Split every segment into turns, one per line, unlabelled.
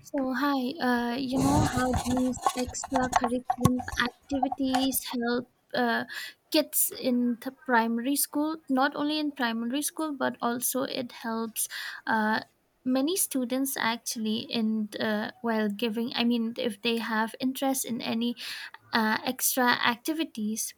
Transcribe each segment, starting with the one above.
You know how these extracurricular activities help kids in the primary school, not only in primary school, but also it helps uh, many students actually in while giving, I mean, if they have interest in any extra activities.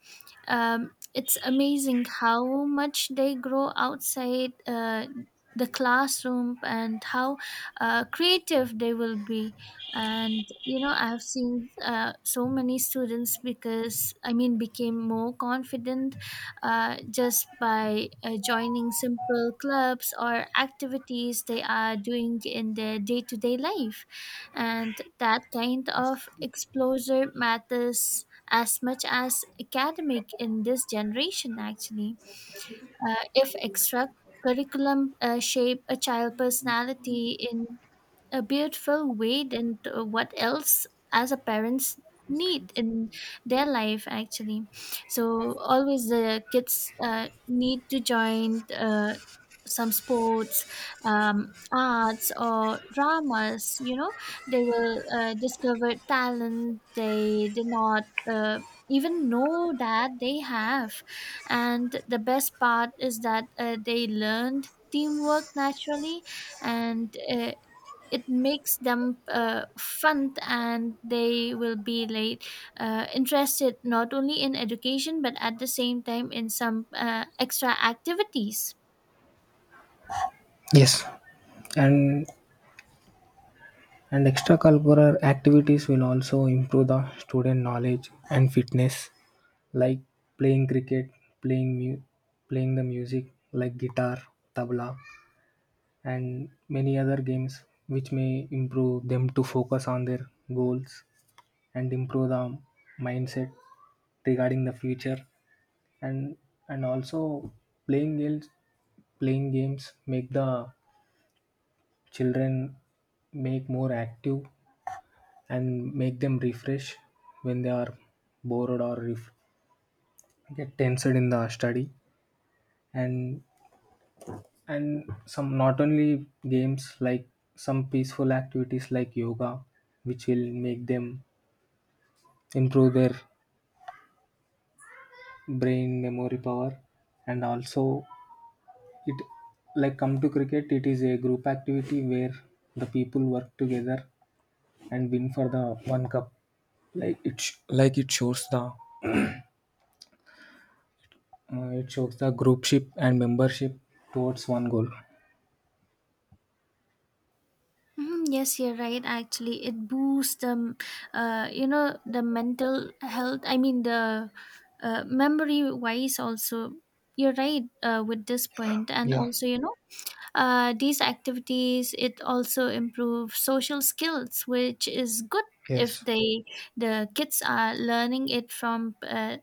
It's amazing how much they grow outside the classroom and how creative they will be. And you know, I've seen so many students because I mean, became more confident just by joining simple clubs or activities they are doing in their day to day life, and that kind of exposure matters as much as academic in this generation actually. If extra curriculum shape a child personality in a beautiful way, than to what else as a parents need in their life actually. So always the kids need to join some sports, arts or dramas, you know, they will discover talent they did not uh, even know that they have. And the best part is that they learned teamwork naturally, and it makes them fun, and they will be like interested not only in education but at the same time in some extra activities.
Yes, and and extracurricular activities will also improve the student knowledge and fitness, like playing cricket, playing mu- playing the music like guitar, tabla, and many other games, which may improve them to focus on their goals and improve the mindset regarding the future, and and also playing games playing games make the children make more active and make them refresh when they are bored or get tensed in the study, and and some not only games like some peaceful activities like yoga, which will make them improve their brain memory power, and also it, like come to cricket, it is a group activity where the people work together and win for the one cup, like it shows the, it shows the groupship and membership towards one goal.
Mhm, yes, you're right actually, it boosts them, you know, the mental health, I mean the memory wise also. You're right with this point, and
Yeah.
also you know, these activities, it also improve social skills, which is good if
Yes.
they the kids are learning it from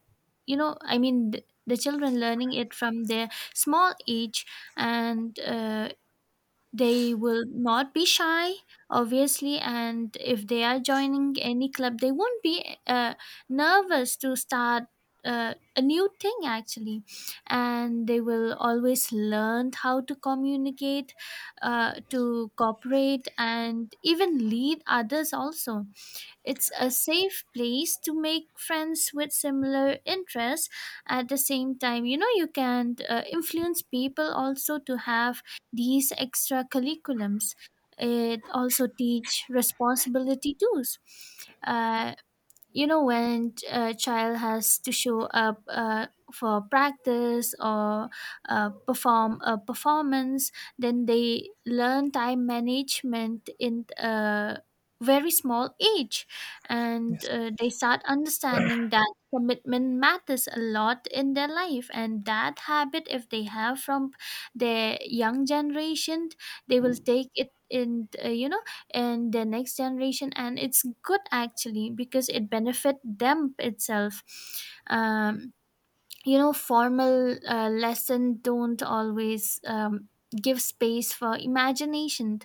you know, I mean the children learning it from their small age. And. They will not be shy, obviously, and if they are joining any club, they won't be nervous to start a new thing actually, and they will always learn how to communicate, to cooperate, and even lead others also. It's a safe place to make friends with similar interests. At the same time, you know, you can influence people also to have these extra curriculums. It also teach responsibility too. Uh, you know, when a child has to show up for practice or perform a performance, then they learn time management in a very small age, and they start understanding that commitment matters a lot in their life, and that habit, if they have from their young generation, they will take it in, you know, in the next generation, and it's good actually because it benefit them itself. um, you know, formal lesson don't always give space for imagination,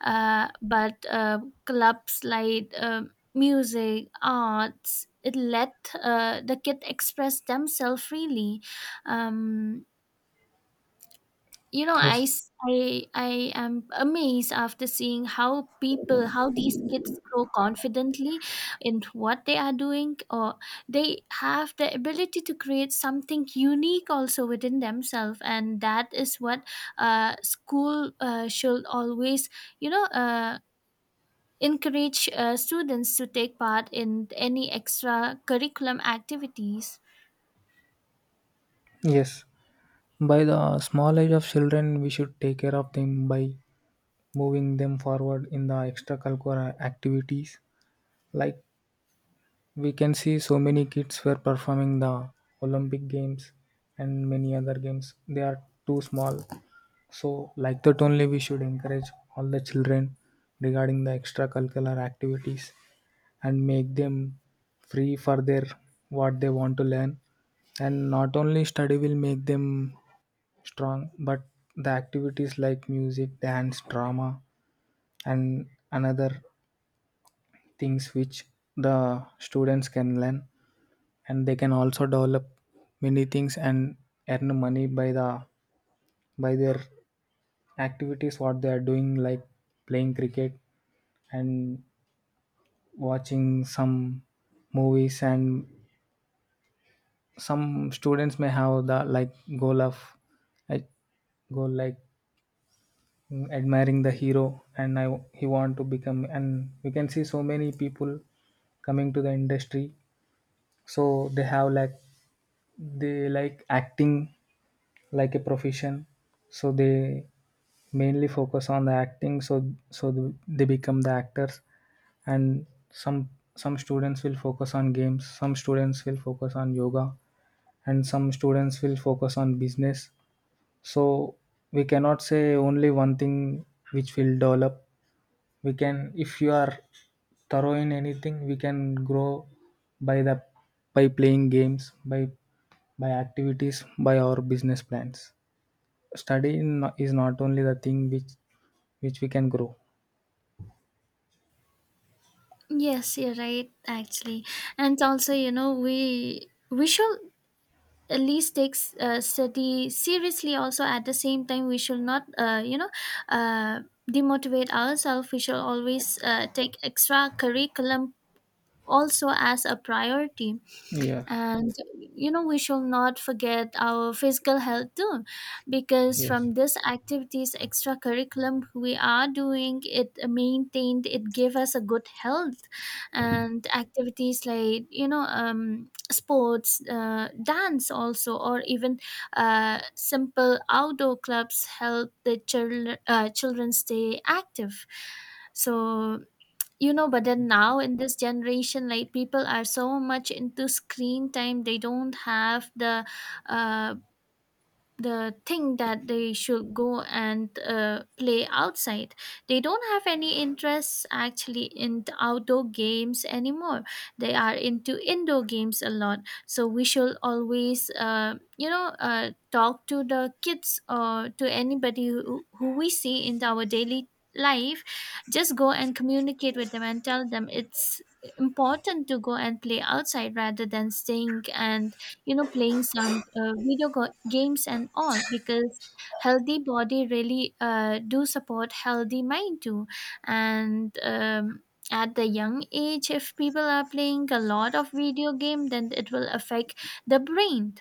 but clubs like music arts, it let the kid express themselves freely. um, you know, i
Yes,
s- I- I am amazed after seeing how people, how these kids grow confidently in what they are doing, or they have the ability to create something unique also within themselves, and that is what school should always, you know, encourage students to take part in any extra curriculum activities.
yes. By the small age of children, we should take care of them by moving them forward in the extracurricular activities. Like, we can see so many kids were performing the Olympic Games and many other games. They are too small. So, like that, only we should encourage all the children regarding the extracurricular activities. And make them free for their what they want to learn, and not only study will make them strong, but the activities like music, dance, drama, and another things which the students can learn, and they can also develop many things and earn money by the, by their activities what they are doing, like playing cricket and watching some movies. And some students may have the, like goal of like goal like admiring the hero, and I he want to become, and we can see so many people coming to the industry. So they like acting like a profession, so they mainly focus on the acting, so they become the actors. And some students will focus on games, some students will focus on yoga, and some students will focus on business. So we cannot say only one thing which will develop. We can, if you are thorough in anything, we can grow by the by playing games, by activities, by our business plans. Study is not only the thing which we can grow.
Yes, you're right actually. And also, you know, we should at least takes study seriously also at the same time. We should not, you know uh, demotivate ourselves. We should always take extra curriculum also as a priority.
Yes.
And you know, we shall not forget our physical health too, because
Yes.
from this activities extra curriculum we are doing, it maintained, it gave us a good health. And activities like, you know, um, sports, dance also, or even simple outdoor clubs help the children children stay active. So you know, but then now in this generation like people are so much into screen time, they don't have uh the thing that they should go and play outside. They don't have any interests actually in the outdoor games anymore. They are into indoor games a lot. So we should always, you know, talk to the kids or to anybody who we see in our daily life, just go and communicate with them and tell them it's important to go and play outside rather than staying and, you know, playing some video games and all, because healthy body really do support healthy mind too. And at the young age if people are playing a lot of video game, then it will affect the brain.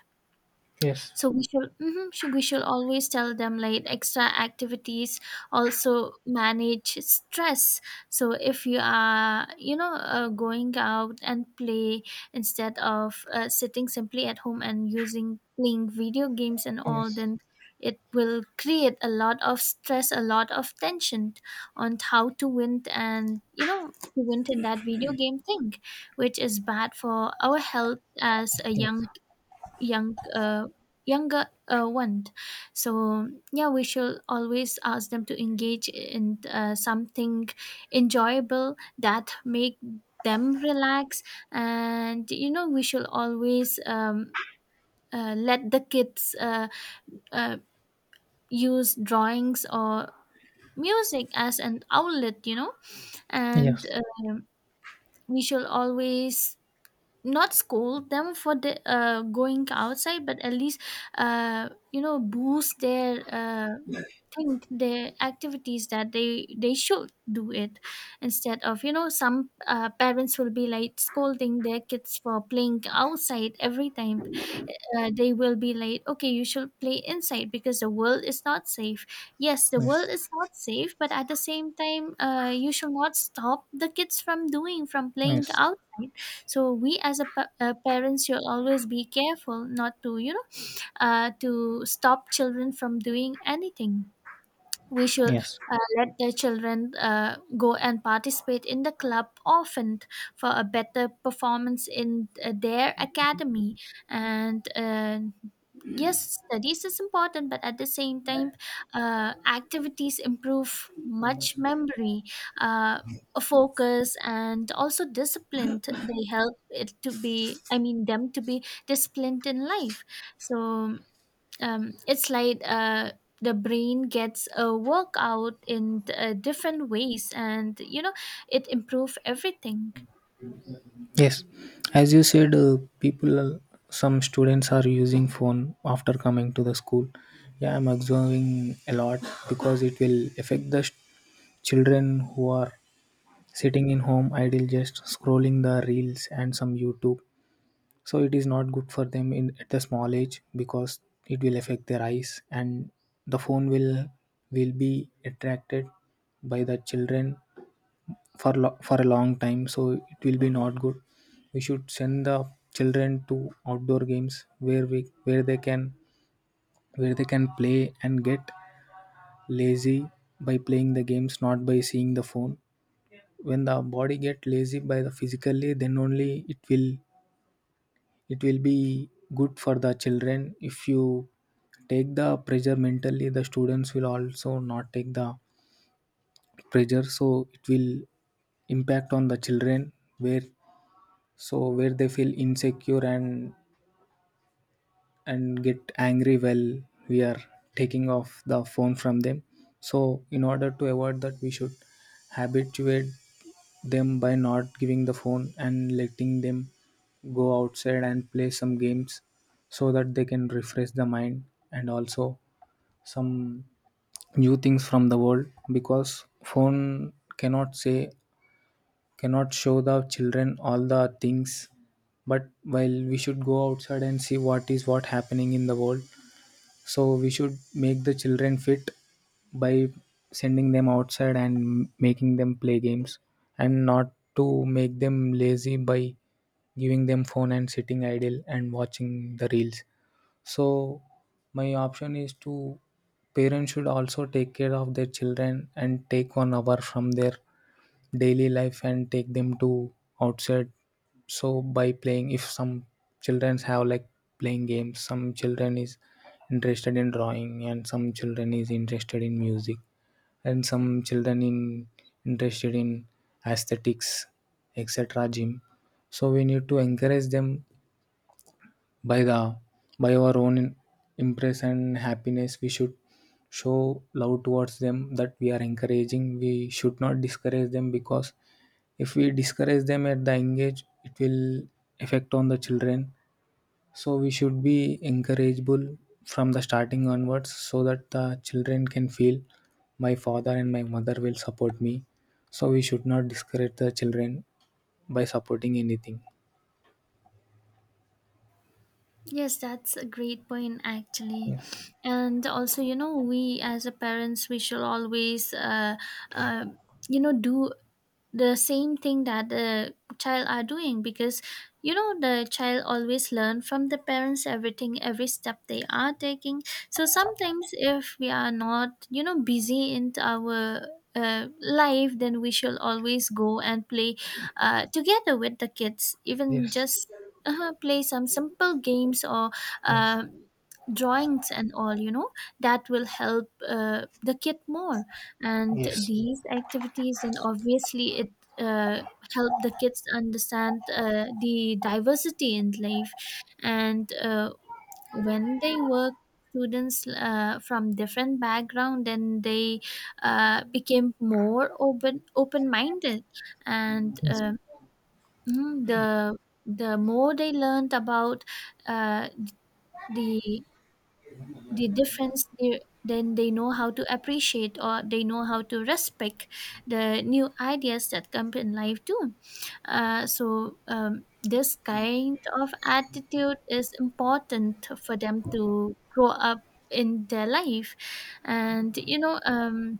Yes.
So we should mhm, should we should always tell them like extra activities also manage stress. So if you are, you know, going out and play instead of sitting simply at home and using playing video games and all,
Yes.
then it will create a lot of stress, a lot of tension on how to win, and you know, to win in that video game thing, which is bad for our health as a young uh, younger one. So yeah, we should always ask them to engage in something enjoyable that make them relax. And you know, we should always let the kids uh, use drawings or music as an outlet, you know. And
Yes.
We should always not scold them for the going outside, but at least, you know, boost their think their activities that they should do it, instead of, you know, some parents will be like scolding their kids for playing outside every time. They will be like, okay, you should play inside because the world is not safe. Yes, the world
Yes.
is not safe, but at the same time, you should not stop the kids from doing, from playing
Yes.
outside. So we as a parents should always be careful not to, you know, to stop children from doing anything. We should
Yes.
let their children go and participate in the club often for a better performance in their academy. And Yes, studies is important, but at the same time, activities improve much memory, uh, focus and also discipline. They help it to be, I mean them to be disciplined in life. So it's like the brain gets a workout in different ways, and you know, it improves everything.
Yes, as you said, people, some students are using phone after coming to the school. Yeah, I'm observing a lot, because it will affect the children who are sitting in home idle, just scrolling the reels and some YouTube. So it is not good for them in at the small age, because it will affect their eyes, and the phone will be attracted by the children for for a long time, so it will be not good. We should send the children to outdoor games where, we where they can play and get lazy by playing the games, not by seeing the phone. When the body get lazy by the physically, then only it will, it will be good for the children. If you take the pressure mentally, the students will also not take the pressure, so it will impact on the children, where, so where they feel insecure and get angry while we are taking off the phone from them. So in order to avoid that, we should habituate them by not giving the phone and letting them go outside and play some games, so that they can refresh the mind, and also some new things from the world, because phone cannot say, cannot show the children all the things. But while we should go outside and see what is what happening in the world, so we should make the children fit by sending them outside and making them play games, and not to make them lazy by giving them phone and sitting idle and watching the reels. So my option is to parents should also take care of their children and take 1 hour from their daily life and take them to outside. So by playing, if some children have, like, playing games, some children is interested in drawing, and some children is interested in music, and some children in interested in aesthetics, etc, gym. So we need to encourage them by the, by our own impress and happiness. We should show love towards them that we are encouraging. We should not discourage them, because if we discourage them at the young age, it will affect on the children. So we should be encourageable from the starting onwards, so that the children can feel my father and my mother will support me. So we should not discourage the children by supporting anything.
Yes, that's a great point actually.
Yeah.
And also, you know, we as a parents, we should always, uh, you know, do the same thing that the child are doing, because you know, the child always learn from the parents everything, every step they are taking. So sometimes if we are not, you know, busy in our life, then we should always go and play together with the kids, even
Yes.
just play some simple games or
Yes.
uh, drawings and all, you know. That will help the kid more, and
Yes.
these activities, and obviously it uh, help the kids understand the diversity in life. And When they work, students from different background, then they became more open minded. And
Yes.
Hmm. The more they learned about uh, the the difference, they, then they know how to appreciate, or they know how to respect the new ideas that come in life too. This kind of attitude is important for them to grow up in their life, and you know.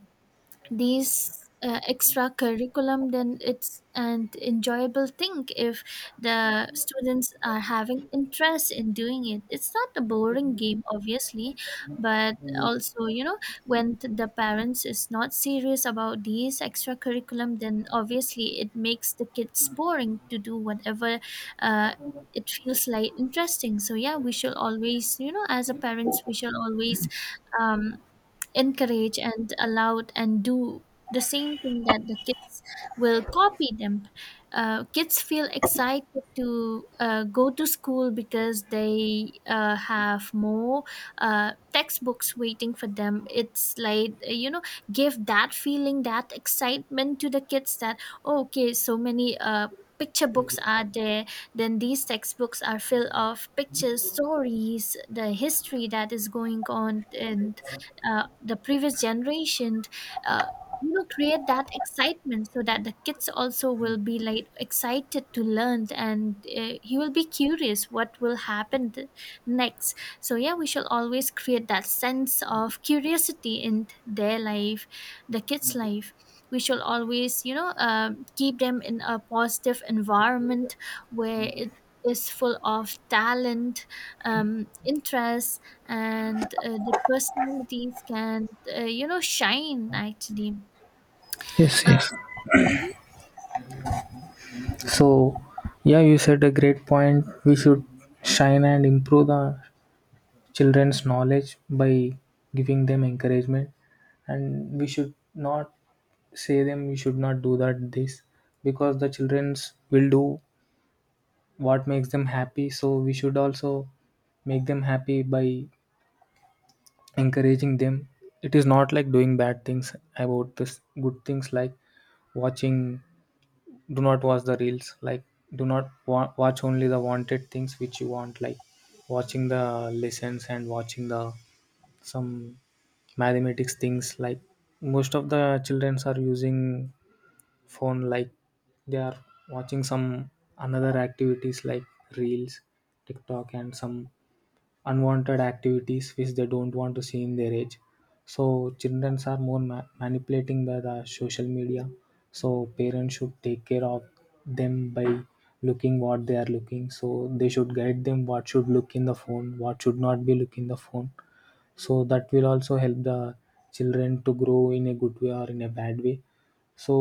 These extra curriculum, then it's an enjoyable thing if the students are having interest in doing it. It's not a boring game obviously, but also you know, when the parents is not serious about these extra curriculum, then obviously it makes the kids boring to do whatever uh, it feels like interesting. So yeah, we should always, you know, as a parents, we should always um, encourage and allowed and do the same thing that the kids will copy them. Kids feel excited to go to school because they have more textbooks waiting for them. It's like, you know, give that feeling, that excitement to the kids, that "Oh, okay, so many picture books are there, then these textbooks are filled of pictures, stories, the history that is going on in the previous generation." uh, you know, create that excitement so that the kids also will be like excited to learn, and he will be curious what will happen next. So yeah, we shall always create that sense of curiosity in their life, the kids life. We shall always, you know, um, keep them in a positive environment where it is full of talent, interest, and the personalities can, you know, shine actually.
Yes, yes.
uh,
So, yeah, you said a great point. We should shine and improve the children's knowledge by giving them encouragement, and we should not say them you should not do that, this, because the childrens will do what makes them happy. So we should also make them happy by encouraging them. It is not like doing bad things about this good things, like watching, do not watch the reels, like do not watch only the wanted things which you want, like watching the lessons and watching the some mathematics things. Like most of the children are using phone, like they are watching some another activities like reels, tiktok, and some unwanted activities which they don't want to see in their age. So children are more manipulating by the social media, so parents should take care of them by looking what they are looking, so they should guide them what should look in the phone, what should not be look in the phone, so that will also help the children to grow in a good way or in a bad way. so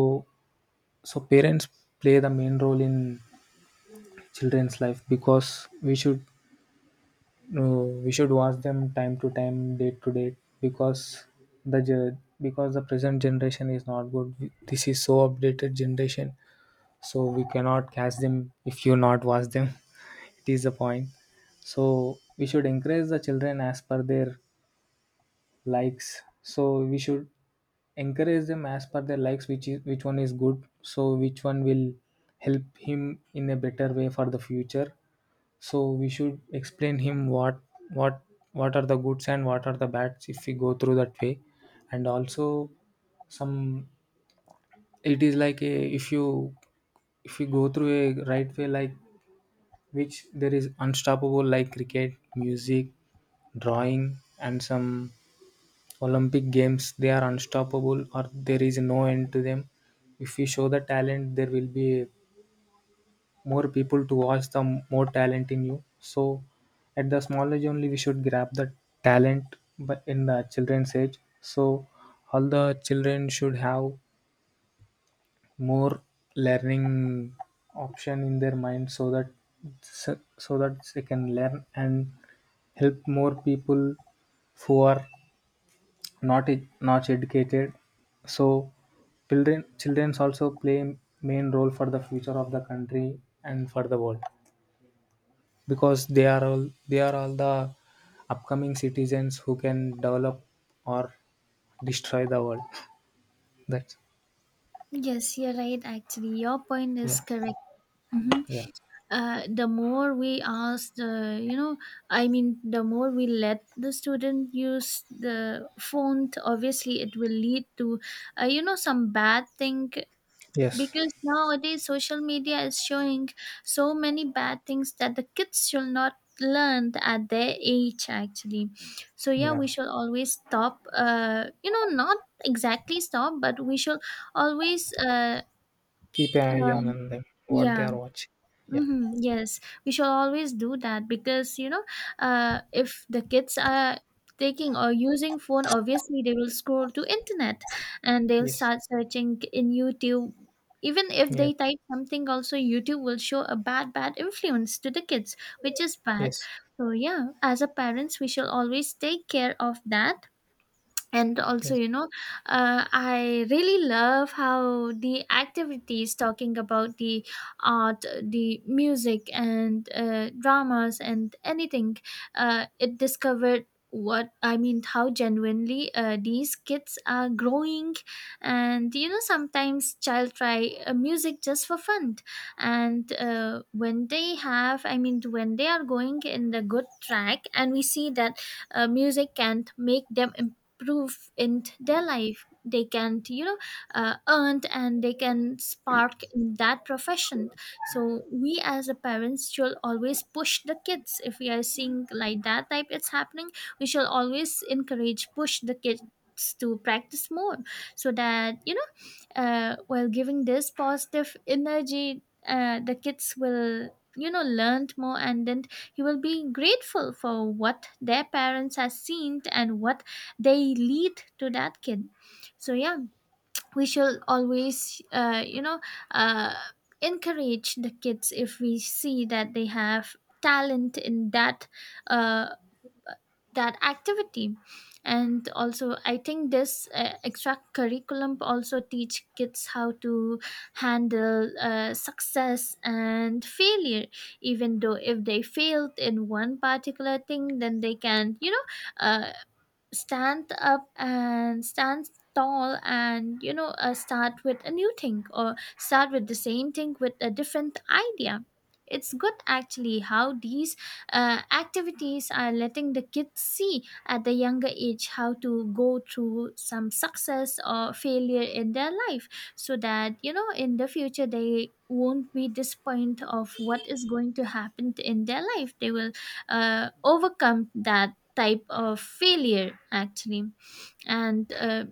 so parents play the main role in children's life, because we should, no, we should watch them time to time, date to date, because the present generation is not good. This is so updated generation, so we cannot catch them if you not watch them. It is the point. So we should encourage the children as per their likes. So we should encourage them as per their likes, which is which one is good. So which one will help him in a better way for the future. So we should explain him what what are the goods and what are the bads if we go through that way. And also some, it is like, a if you, if you go through a right way, like which there is unstoppable, like cricket, music, drawing, and some Olympic games, they are unstoppable, or there is no end to them. If we show the talent, there will be a more people to watch the more talent in you. So at the small age only we should grab the talent but in the children's age. So all the children should have more learning option in their mind, so that, so that they can learn and help more people who are not not educated. So children also play main role for the future of the country and for the world, because they are all the upcoming citizens who can develop or destroy the world. That's
yes, you're right actually, your point
Yeah,
is correct. Mhm.
yeah.
The more we ask the the more we let the student use the font, obviously it will lead to some bad thing
Yes.
because nowadays social media is showing so many bad things that the kids should not learn at their age, actually. So yeah,
Yeah,
we should always stop, not exactly stop, but we should always
keep an eye
uh
on them what they
yeah.
are watching. Yeah.
Hmm. Yes, we should always do that because if the kids are taking or using phone, obviously they will scroll to internet and they'll
Yes.
start searching in YouTube. Even if
Yeah.
they type something, also YouTube will show a bad, bad influence to the kids, which is bad.
Yes,
So yeah, as a parents, we shall always take care of that. And also,
yes,
I really love how the activities talking about the art, the music, and dramas and anything, it discovered what I mean how genuinely these kids are growing. And you know, sometimes child try music just for fun, and when they have I mean when they are going in the good track and we see that music can't make them prove in their life, they can, you know, earn, and they can spark in that profession. So we as a parents should always push the kids if we are seeing like that type it's happening. We shall always encourage, push the kids to practice more so that, you know, while giving this positive energy, the kids will, you know, learn more. And then he will be grateful for what their parents have seen and what they lead to that kid. So yeah, we shall always, uh, encourage the kids if we see that they have talent in that, uh, that activity. And also, I think this extra curriculum also teach kids how to handle success and failure. Even though if they failed in one particular thing, then they can, you know, uh, stand up and stand tall, and you know, start with a new thing or start with the same thing with a different idea. It's good actually how these activities are letting the kids see at the younger age how to go through some success or failure in their life, so that, you know, in the future they won't be disappointed of what is going to happen in their life. They will overcome that type of failure, actually. And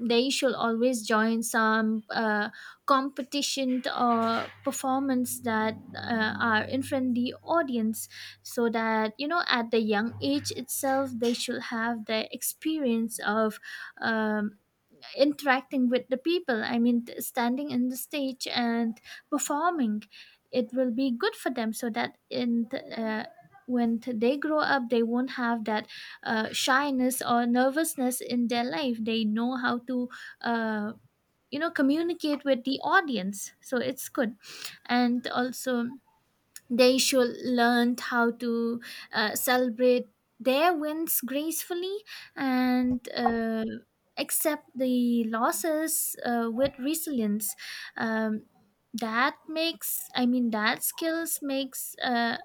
they should always join some competition or performance that are in front of the audience, so that, you know, at the young age itself, they should have the experience of um, interacting with the people, I mean standing in the stage and performing. It will be good for them so that in the, when they grow up, they won't have that shyness or nervousness in their life. They know how to, uh, you know, communicate with the audience, so it's good. And also they should learn how to celebrate their wins gracefully and accept the losses with resilience. Um, that makes, I mean, that skills makes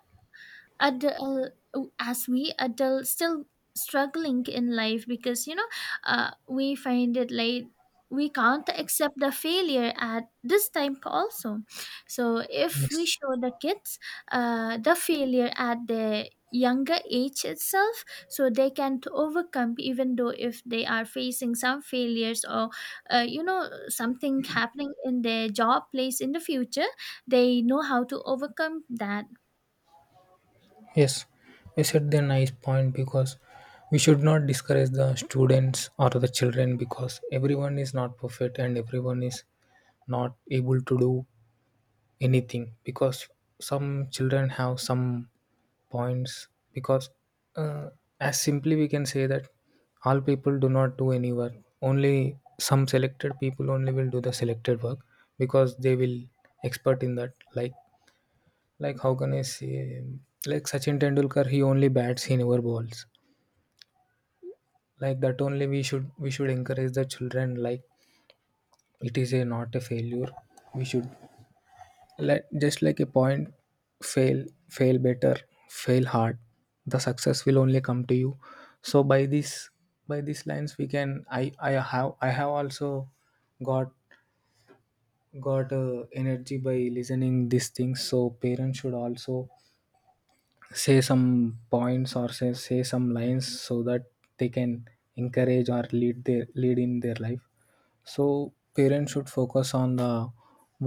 adult, as we adults still struggling in life because, you know, we find it like we can't accept the failure at this time also. So if we
yes,
show the kids the failure at their younger age itself, so they can to overcome even though if they are facing some failures or you know, something happening in their job place in the future, they know how to overcome that.
yes, you said the nice point, because we should not discourage the students or the children, because everyone is not perfect and everyone is not able to do anything, because some children have some points, because uh, as simply we can say that all people do not do any work, only some selected people only will do the selected work, because they will expert in that. Like how can I say, like Sachin Tendulkar, he only bats, he never bowls. Like that only, we should encourage the children. Like it is a not a failure. We should, like just like a point, fail fail better, fail hard, the success will only come to you. So by this, by these lines, we can, I have, also got got energy by listening these things. So parents should also say some points, or say some lines, so that they can encourage or lead their lead in their life. So parents should focus on the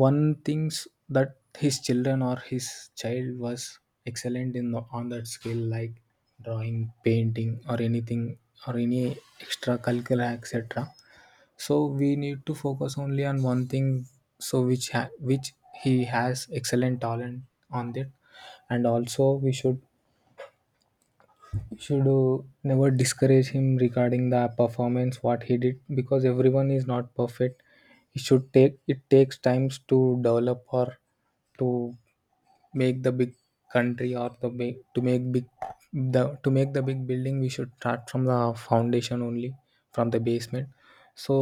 one things that his children or his child was excellent on that skill, like drawing, painting, or anything, or any extracurricular etc. So we need to focus only on one thing, so which he has excellent talent on that. And also we should never discourage him regarding the performance what he did, because everyone is not perfect. He should take it takes times to develop or to make the big country or the big to make big the to make the big building. We should start from the foundation only, from the basement. So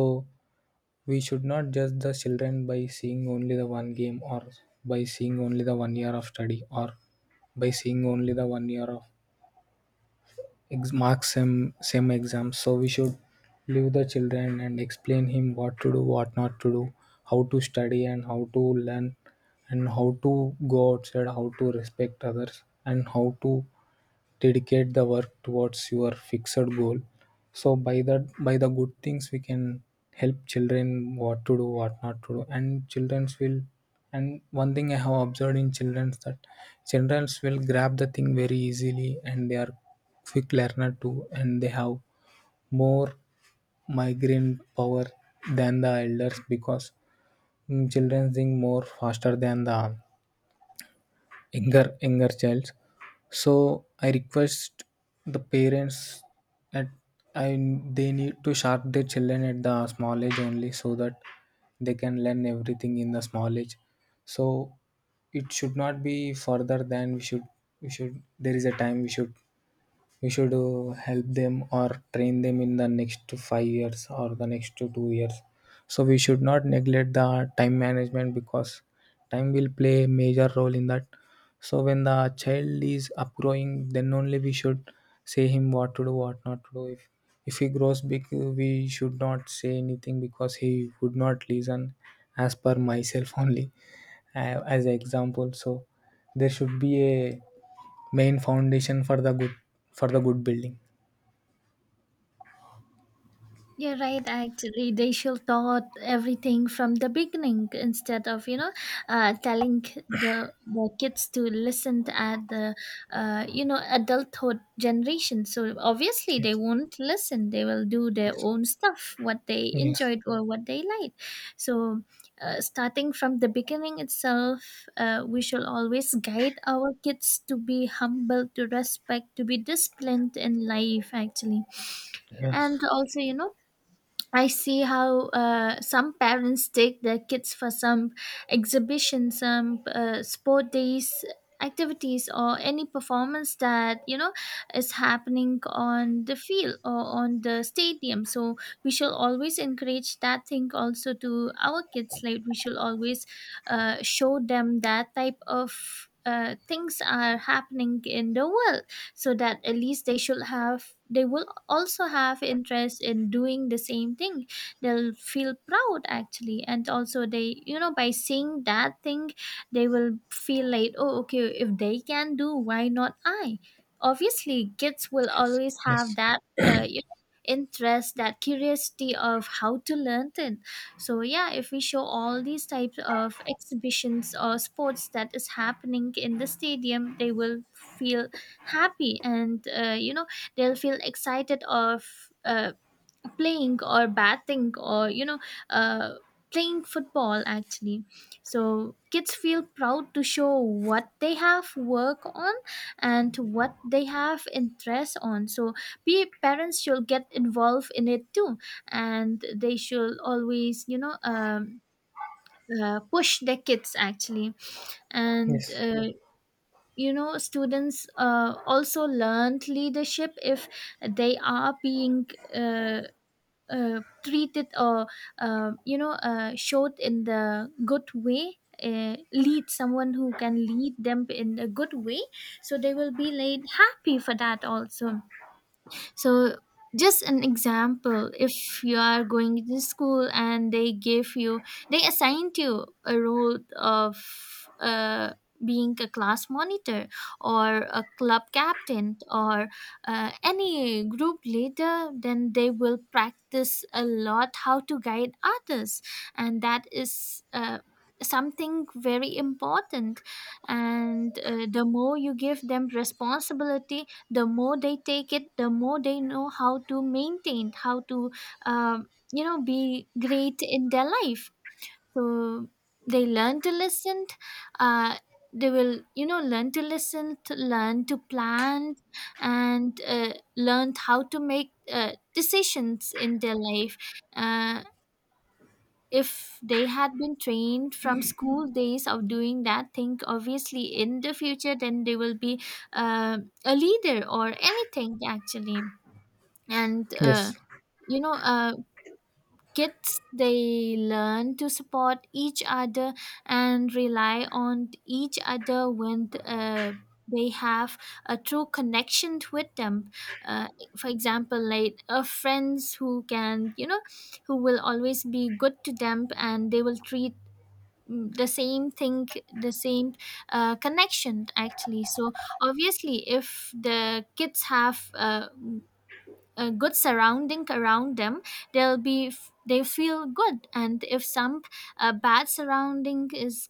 we should not judge the children by seeing only the one game, or by seeing only the one year of study, or by seeing only the one year of ex- marks same exam. So we should leave the children and explain him what to do, what not to do, how to study and how to learn, and how to go outside, how to respect others, and how to dedicate the work towards your fixed goal. So by that, by the good things, we can help children what to do, what not to do, and childrens will. And one thing I have observed in childrens, that childrens will grab the thing very easily, and they are quick learner too, and they have more migraine power than the elders, because children think more faster than the younger child. So I request the parents that I they need to sharp their children at the small age only, so that they can learn everything in the small age. So it should not be further than we should, we should, there is a time we should, we should help them or train them in the next 5 years or the next 2 years. So we should not neglect the time management, because time will play a major role in that. So when the child is upgrowing, then only we should say him what to do, what not to do. If he grows big, we should not say anything because he would not listen, as per myself only. uh, as an example, so there should be a main foundation for the good, for the good building.
You're right, actually. They should taught everything from the beginning instead of, you know, telling the kids to listen at the, you know, adulthood generation. So obviously they
Yes.
won't listen. They will do their
Yes.
own stuff, what they
Yes.
enjoyed or what they liked. So starting from the beginning itself, we shall always guide our kids to be humble, to respect, to be disciplined in life, actually. And
Yes.
also, you know, I see how some parents take their kids for some exhibition, some sport days activities, or any performance that, you know, is happening on the field or on the stadium. So we shall always encourage that thing also to our kids. Like we shall always show them that type of things are happening in the world, so that at least they should have they will also have interest in doing the same thing. They'll feel proud actually, and also they, you know, by seeing that thing they will feel like, oh okay, if they can do, why not I? Obviously kids will always have
Yes.
that you know, interest, that curiosity of how to learn it. So yeah, if we show all these types of exhibitions or sports that is happening in the stadium, they will feel happy, and you know, they'll feel excited of uh, playing or batting, or you know, uh, playing football, actually. So kids feel proud to show what they have work on and what they have interest on. So parents should get involved in it too, and they should always, you know, push their kids, actually. And
Yes.
you know, students also learned leadership if they are being, uh, treated or showed in the good way, lead someone who can lead them in a good way. So they will be laid happy for that also. So just an example, if you are going to school and they give you, they assigned you a role of being a class monitor or a club captain or any group leader, then they will practice a lot how to guide others. And that is something very important. And the more you give them responsibility, the more they take it, the more they know how to maintain, how to you know, be great in their life. So they learn to listen, uh, they will, you know, learn to listen, to learn to plan, and learn how to make decisions in their life. uh, if they had been trained from school days of doing that thing, obviously in the future then they will be uh, a leader or anything, actually. And
Yes. Yes.
you know, kids, they learn to support each other and rely on each other when they have a true connection with them. uh, for example, like friends who can, you know, who will always be good to them, and they will treat, mm, the same thing, the same connection, actually. So obviously if the kids have mm, a good surrounding around them, they'll they feel good. And if some bad surrounding is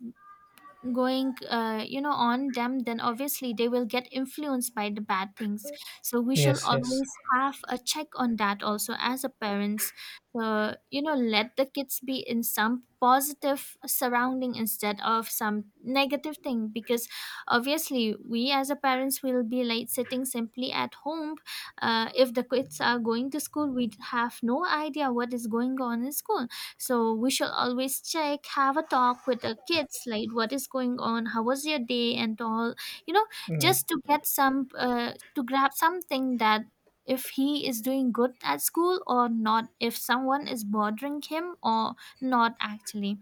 going you know, on them, then obviously they will get influenced by the bad things. So we should
Yes. Yes.
always have a check on that also, as a parents. So, you know, let the kids be in some positive surrounding instead of some negative thing, because obviously we as a parents will be like sitting simply at home. If the kids are going to school, we have no idea what is going on in school. So we should always check, have a talk with the kids, like what is going on, how was your day, and all. You know,
Mm.
just to get some, to grab something, that if he is doing good at school or not, if someone is bothering him or not, actually.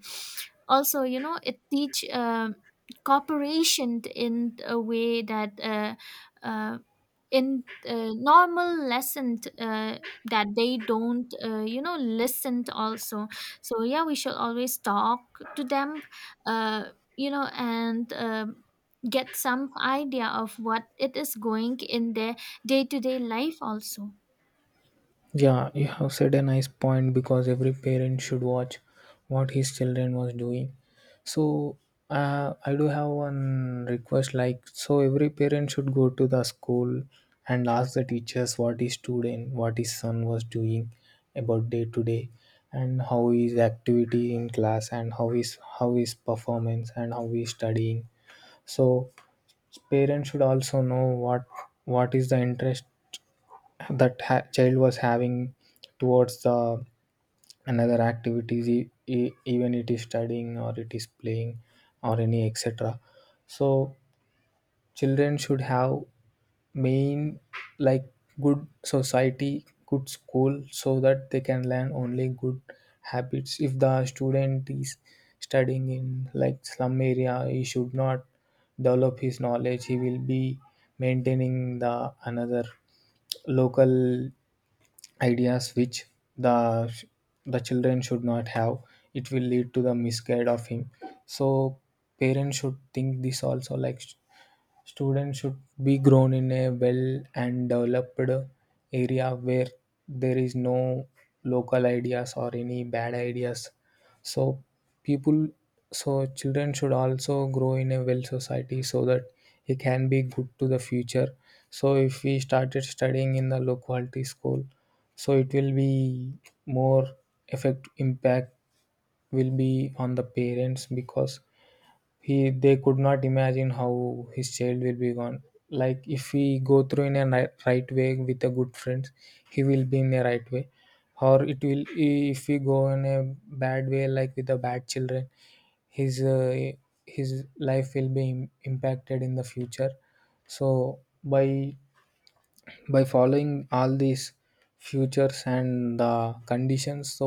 Also, you know, it teach, cooperation in a way that uh, in normal lesson that they don't, you know, listen to also. So yeah, we should always talk to them, uh, you know, and get some idea of what it is going in their day-to-day life also.
Yeah, you have said a nice point, because every parent should watch what his children was doing. So I do have one request, like, so every parent should go to the school and ask the teachers what his student, what his son was doing about day to day, and how his activity in class, and how his performance, and how he's studying. So parents should also know what is the interest that ha- child was having towards the another activities, e- e- even it is studying or it is playing or any etc. So children should have main, like, good society, good school, so that they can learn only good habits. If the student is studying in like slum area, he should not develop his knowledge, he will be maintaining the another local ideas, which the the children should not have, it will lead to the misguide of him. So parents should think this also, like, students should be grown in a well and developed area where there is no local ideas or any bad ideas. So people, so children should also grow in a well society, so that he can be good to the future. So if we started studying in the low quality school, so it will be more effect impact will be on the parents, because he they could not imagine how his child will be gone. Like if we go through in a ni- right way with a good friends, he will be in a right way. Or it will, if we go in a bad way, like with the bad children, his uh, his life will be im- impacted in the future. So by following all these futures and the conditions, so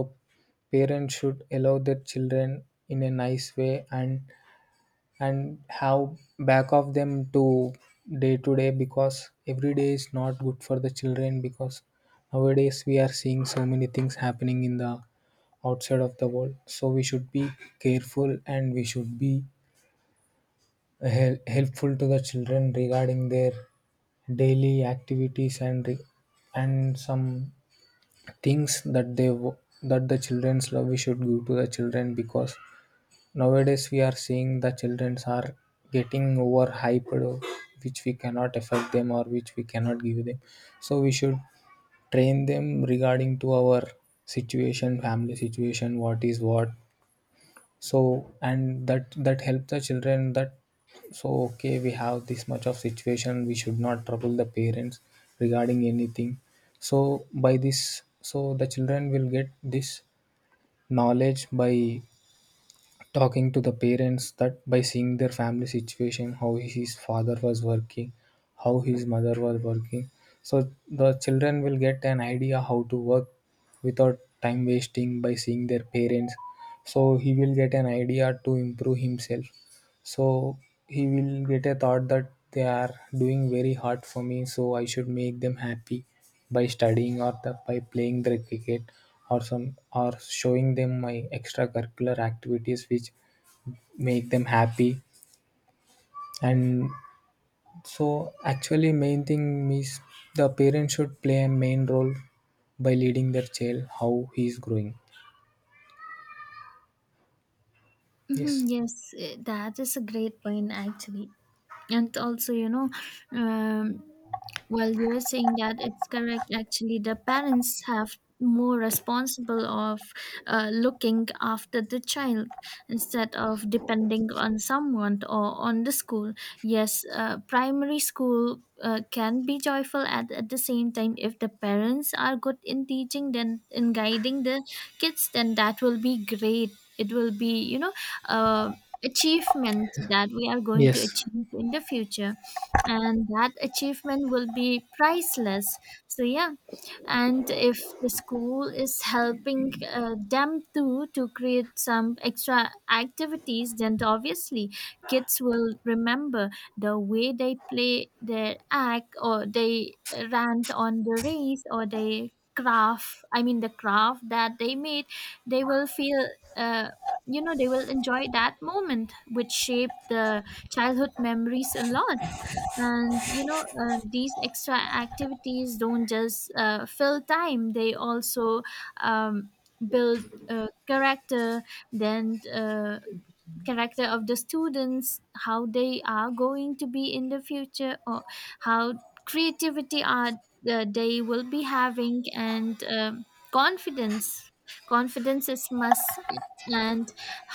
parents should allow their children in a nice way, and have back of them to day to day, because every day is not good for the children. Because nowadays we are seeing so many things happening in the outside of the world, so we should be careful, and we should be hel- helpful to the children regarding their daily activities, and re- and some things that they wo- that the children's love we should give to the children. Because nowadays, we are seeing the childrens are getting overhyped, which we cannot affect them or which we cannot give them. So we should train them regarding to our situation, family situation, what is what. So and that, that helps the children, that so okay, we have this much of situation, we should not trouble the parents regarding anything. So by this, so the children will get this knowledge by talking to the parents, that by seeing their family situation, how his father was working, how his mother was working, so the children will get an idea how to work without time wasting by seeing their parents. So he will get an idea to improve himself. So he will get a thought that they are doing very hard for me, so I should make them happy by studying, or the, by playing the cricket, or some, or showing them my extracurricular activities which make them happy. And so actually main thing is the parent should play a main role by leading their child how he is growing.
Mhm,
Yes.
yes. Eh, that is a great point, actually. And also, you know, um, well, you're saying that, it's correct actually. The parents have more responsible of looking after the child instead of depending on someone or on the school. Yes, primary school can be joyful at the same time, if the parents are good in teaching then in guiding the kids, then that will be great. It will be, you know, uh achievement that we are going to
Yes,
achieve in the future. And that achievement will be priceless. So yeah. And if the school is helping them too to create some extra activities, then obviously kids will remember the way they play their act, or they rant on the race, or they craft I mean the craft that they made. They will feel uh, you know, they will enjoy that moment, which shape the childhood memories a lot. And you know, these extra activities don't just fill time, they also um, build character, then character of the students, how they are going to be in the future, or how creativity are they will be having, and confidence. Confidence is must. And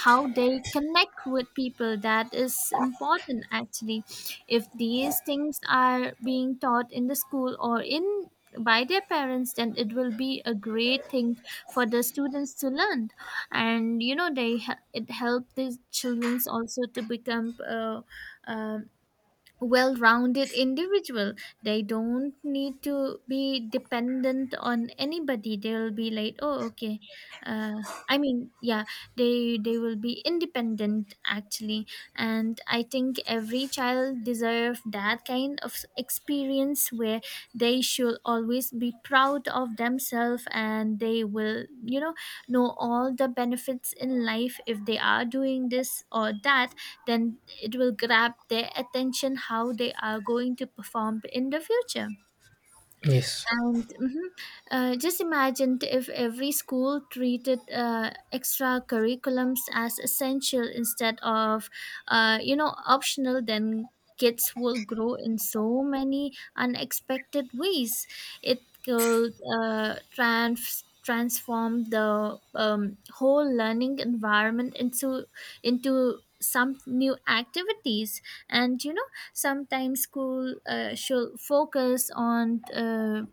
how they connect with people, that is important, actually. If these things are being taught in the school or in, by their parents, then it will be a great thing for the students to learn. And you know, they, it helped the children also to become um, well rounded individual. They don't need to be dependent on anybody. They'll be like, oh, okay. Uh, I mean, yeah, they will be independent actually, and I think every child deserve that kind of experience where they should always be proud of themselves, and they will, you know all the benefits in life. If they are doing this or that, then it will grab their attention how they are going to perform in the future.
yes.
And mhm, just imagine if every school treated extra curriculums as essential instead of, you know, optional, then kids will grow in so many unexpected ways. It could transform the whole learning environment into some new activities. And you know, sometimes school should focus on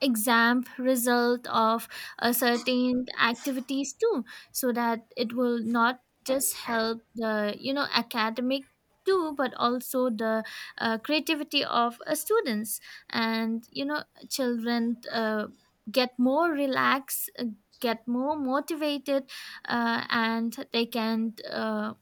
exam result of a certain activities too, so that it will not just help the, you know, academic too, but also the creativity of students. And you know, children get more relaxed, get more motivated, and they can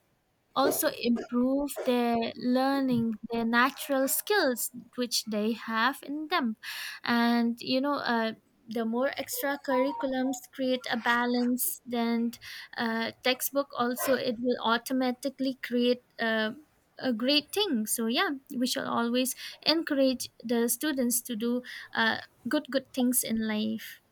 also improve their learning, their natural skills which they have in them. And you know, the more extra curriculums create a balance than, textbook, also it will automatically create a great thing. So yeah, we shall always encourage the students to do uh, good, good things in life.